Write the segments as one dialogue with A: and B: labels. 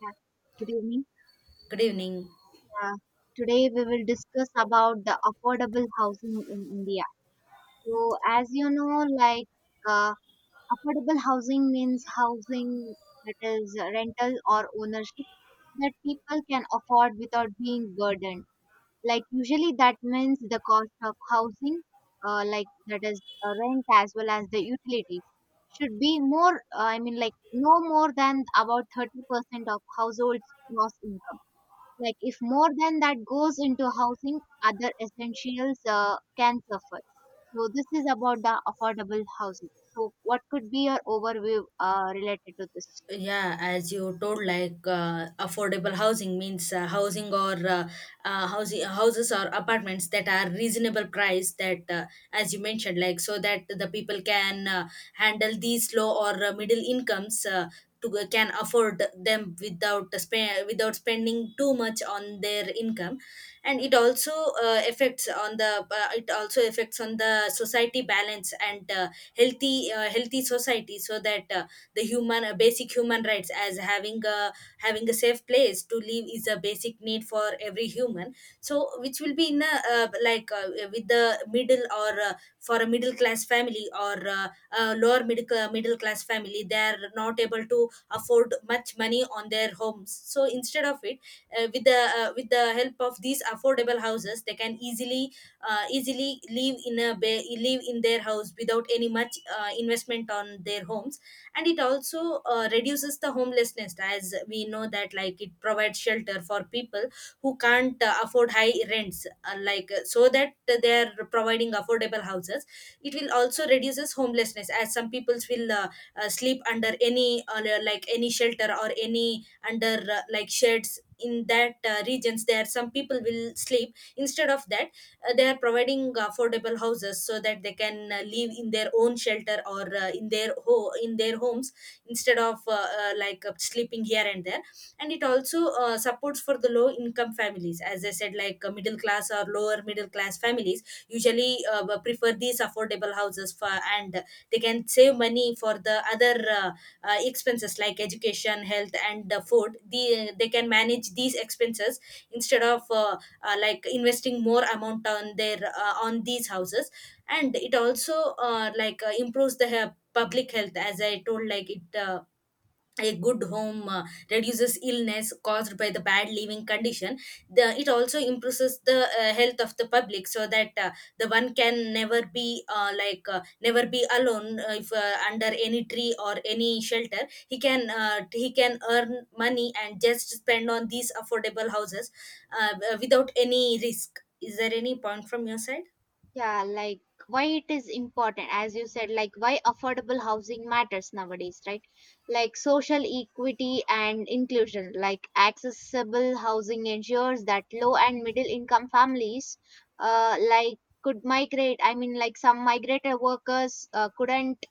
A: Yeah, good evening.
B: Good evening.
A: Yeah, today we will discuss about the affordable housing in India. So, as you know, like uh, affordable housing means housing that is rental or ownership that people can afford without being burdened. Like usually that means the cost of housing, like that is rent as well as the utilities should be more. I mean, like no more than about 30% of households' gross income. Like if more than that goes into housing, other essentials can suffer. So this is about the affordable housing. So what could be your overview related to this?
B: Yeah, as you told, like affordable housing means housing or housing houses or apartments that are reasonable price. That as you mentioned, like so that the people can handle these low or middle incomes. Can afford them without without spending too much on their income, and it also affects on the society balance and healthy society, so that the human basic human rights as having a safe place to live is a basic need for every human, so which will be in a like with the middle or for a middle class family, or a lower middle class family, they are not able to afford much money on their homes, so instead of it, with the help of these affordable houses, they can easily easily live in a live in their house without any much investment on their homes. And it also reduces the homelessness, as we know that, like, it provides shelter for people who can't afford high rents, so that they are providing affordable houses. It will also reduces homelessness, as some people will sleep under any like any shelter or any under like sheds in that regions, there some people will sleep. Instead of that, they are providing affordable houses so that they can live in their own shelter or in their in their homes, instead of sleeping here and there. And it also supports for the low income families. As I said, like, middle class or lower middle class families usually prefer these affordable houses for, and they can save money for the other expenses like education, health, and food. They can manage these expenses instead of investing more amount on their on these houses. And it also improves the public health. As I told, like, it a good home reduces illness caused by the bad living condition. It also improves the health of the public, so that the one can never be never be alone. If under any tree or any shelter, he can earn money and just spend on these affordable houses, uh, without any risk. Is there any point from your side?
A: Yeah, like why it is important, as you said, like why affordable housing matters nowadays, right? Like social equity and inclusion, like accessible housing ensures that low and middle income families, like could migrate. I mean, like some migratory workers couldn't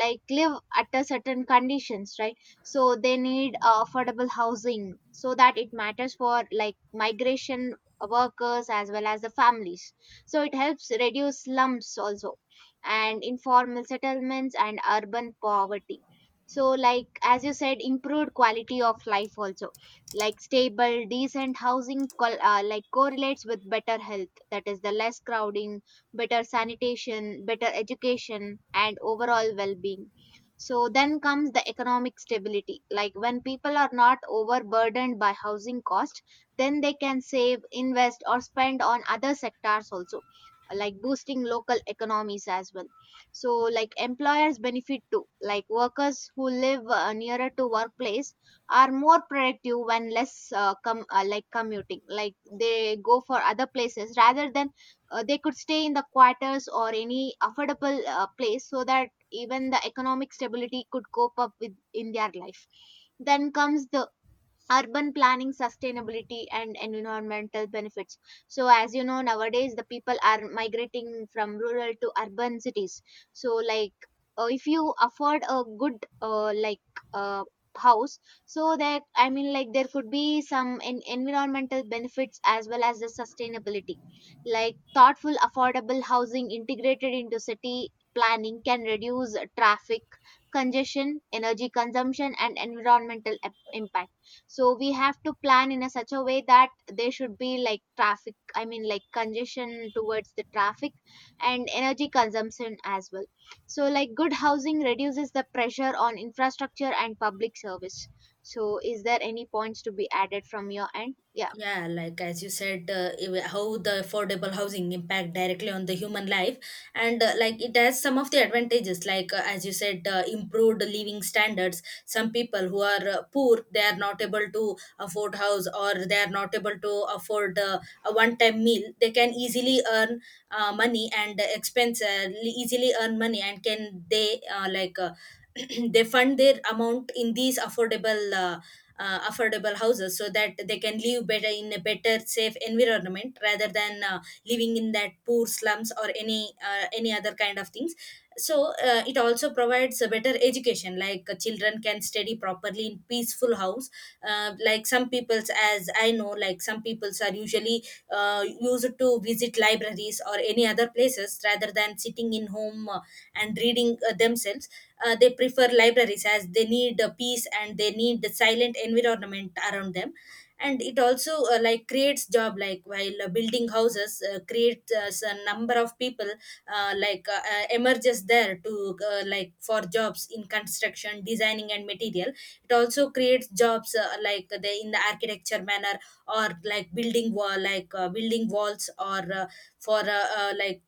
A: like live at a certain conditions, right? So they need affordable housing so that it matters for like migration workers as well as the families. So it helps reduce slums also, and informal settlements and urban poverty. So like as you said, improved quality of life also, like stable decent housing like correlates with better health, that is the less crowding, better sanitation, better education, and overall well being. So then comes the economic stability. Like when people are not overburdened by housing cost, then they can save, invest, or spend on other sectors also, like boosting local economies as well. So like employers benefit too. Like workers who live nearer to workplace are more productive when less like commuting. Like they go for other places rather than they could stay in the quarters or any affordable place, so that even the economic stability could cope up with in their life. Then comes the urban planning, sustainability and environmental benefits. So as you know, nowadays the people are migrating from rural to urban cities. So like if you afford a good like uh, house, so that I mean like there could be some environmental benefits as well as the sustainability. Like thoughtful affordable housing integrated into city planning can reduce traffic congestion, energy consumption and environmental impact. So we have to plan in a such a way that there should be like traffic, I mean like congestion towards the traffic and energy consumption as well. So like good housing reduces the pressure on infrastructure and public service. So is there any points to be added from your end? Yeah.
B: Yeah, like as you said, how the affordable housing impact directly on the human life. And like it has some of the advantages, like as you said, improved living standards. Some people who are poor, they are not able to afford house, or they are not able to afford a one-time meal. They can easily earn money and expense easily earn money, and can they they fund their amount in these affordable. Affordable houses so that they can live better in a better safe environment, rather than living in that poor slums or any other kind of things. So it also provides a better education, like children can study properly in peaceful house. Like some people's, as I know, like some people's are usually used to visit libraries or any other places rather than sitting in home, and reading themselves. They prefer libraries as they need peace, and they need the silent environment around them. And it also creates job, like while building houses creates a number of people emerges there to like for jobs in construction, designing, and material. It also creates jobs, like they in the architecture manner, or like building wall like building walls or for like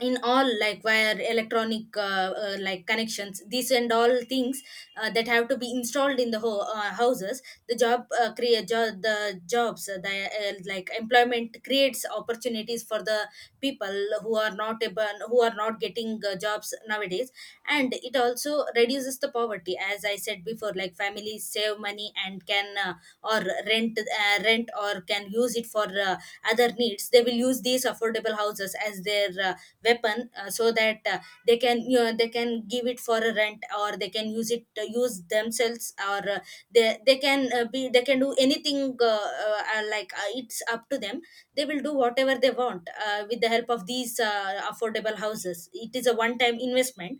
B: in all like wire, electronic connections, these and all things that have to be installed in the houses. The jobs, the like employment creates opportunities for the people who are not able, who are not getting jobs nowadays. And it also reduces the poverty. As I said before, like, families save money and can or rent rent or can use it for other needs. They will use these affordable houses as their weapon, so that they can, you know, they can give it for a rent, or they can use it use themselves, or they they can be they can do anything, it's up to them. They will do whatever they want with the help of these affordable houses. It is a one time investment,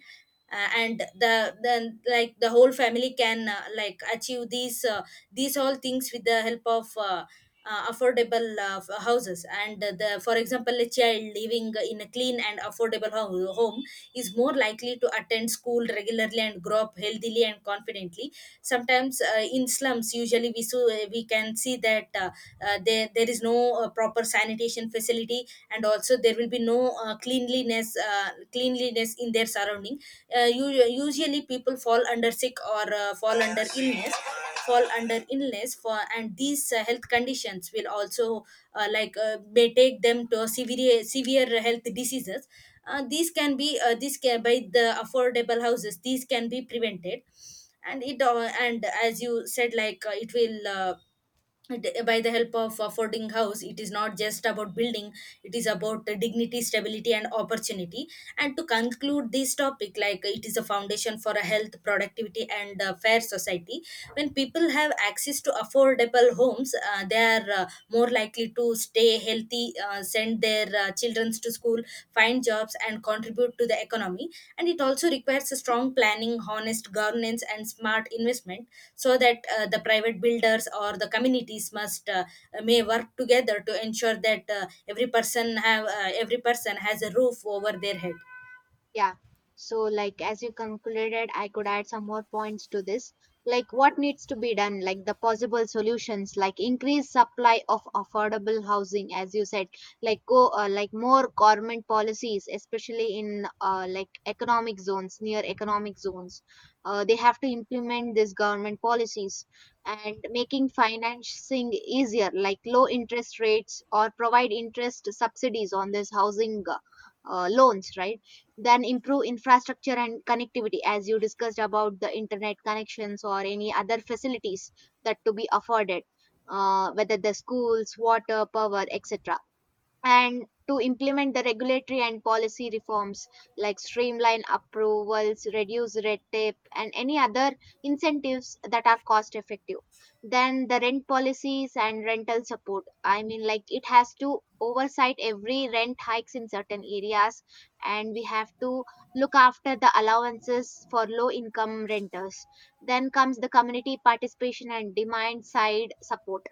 B: and then, like, the whole family can achieve these all things with the help of affordable houses. And the for example, a child living in a clean and affordable home is more likely to attend school regularly and grow up healthily and confidently. Sometimes in slums, usually we, we can see that there is no proper sanitation facility, and also there will be no cleanliness in their surrounding. Usually people fall under sick, or fall under illness for. And these health conditions will also may take them to severe health diseases. These can be these can by the affordable houses, these can be prevented. And it and as you said, like, by the help of affording house, it is not just about building, it is about the dignity, stability, and opportunity. And to conclude this topic, like, it is a foundation for a health, productivity, and fair society. When people have access to affordable homes, they are more likely to stay healthy, send their children to school, find jobs, and contribute to the economy. And it also requires a strong planning, honest governance, and smart investment, so that the private builders or the communities must may work together to ensure that every person has a roof over their head.
A: Yeah. So, like, as you concluded, I could add some more points to this. Like, what needs to be done? Like, the possible solutions, like increased supply of affordable housing, as you said, like like more government policies, especially in like economic zones, near economic zones. They have to implement these government policies and making financing easier, like low interest rates or provide interest subsidies on this housing loans, right? Then improve infrastructure and connectivity, as you discussed, about the internet connections or any other facilities that to be afforded, whether the schools, water, power, etc. And to implement the regulatory and policy reforms, like streamline approvals, reduce red tape, and any other incentives that are cost effective. Then the rent policies and rental support. I mean, like it has to oversight every rent hikes in certain areas, and we have to look after the allowances for low income renters. Then comes the community participation and demand side support.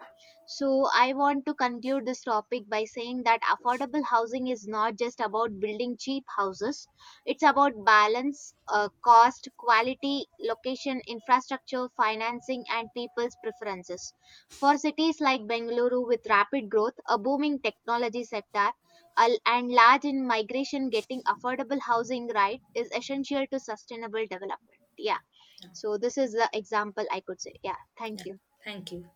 A: So, I want to conclude this topic by saying that affordable housing is not just about building cheap houses, it's about balance, cost, quality, location, infrastructure, financing, and people's preferences. For cities like Bengaluru with rapid growth, a booming technology sector, and large in migration, getting affordable housing right is essential to sustainable development. Yeah. So, this is the example I could say. Yeah.
B: Yeah,
A: Thank you.
B: thank you.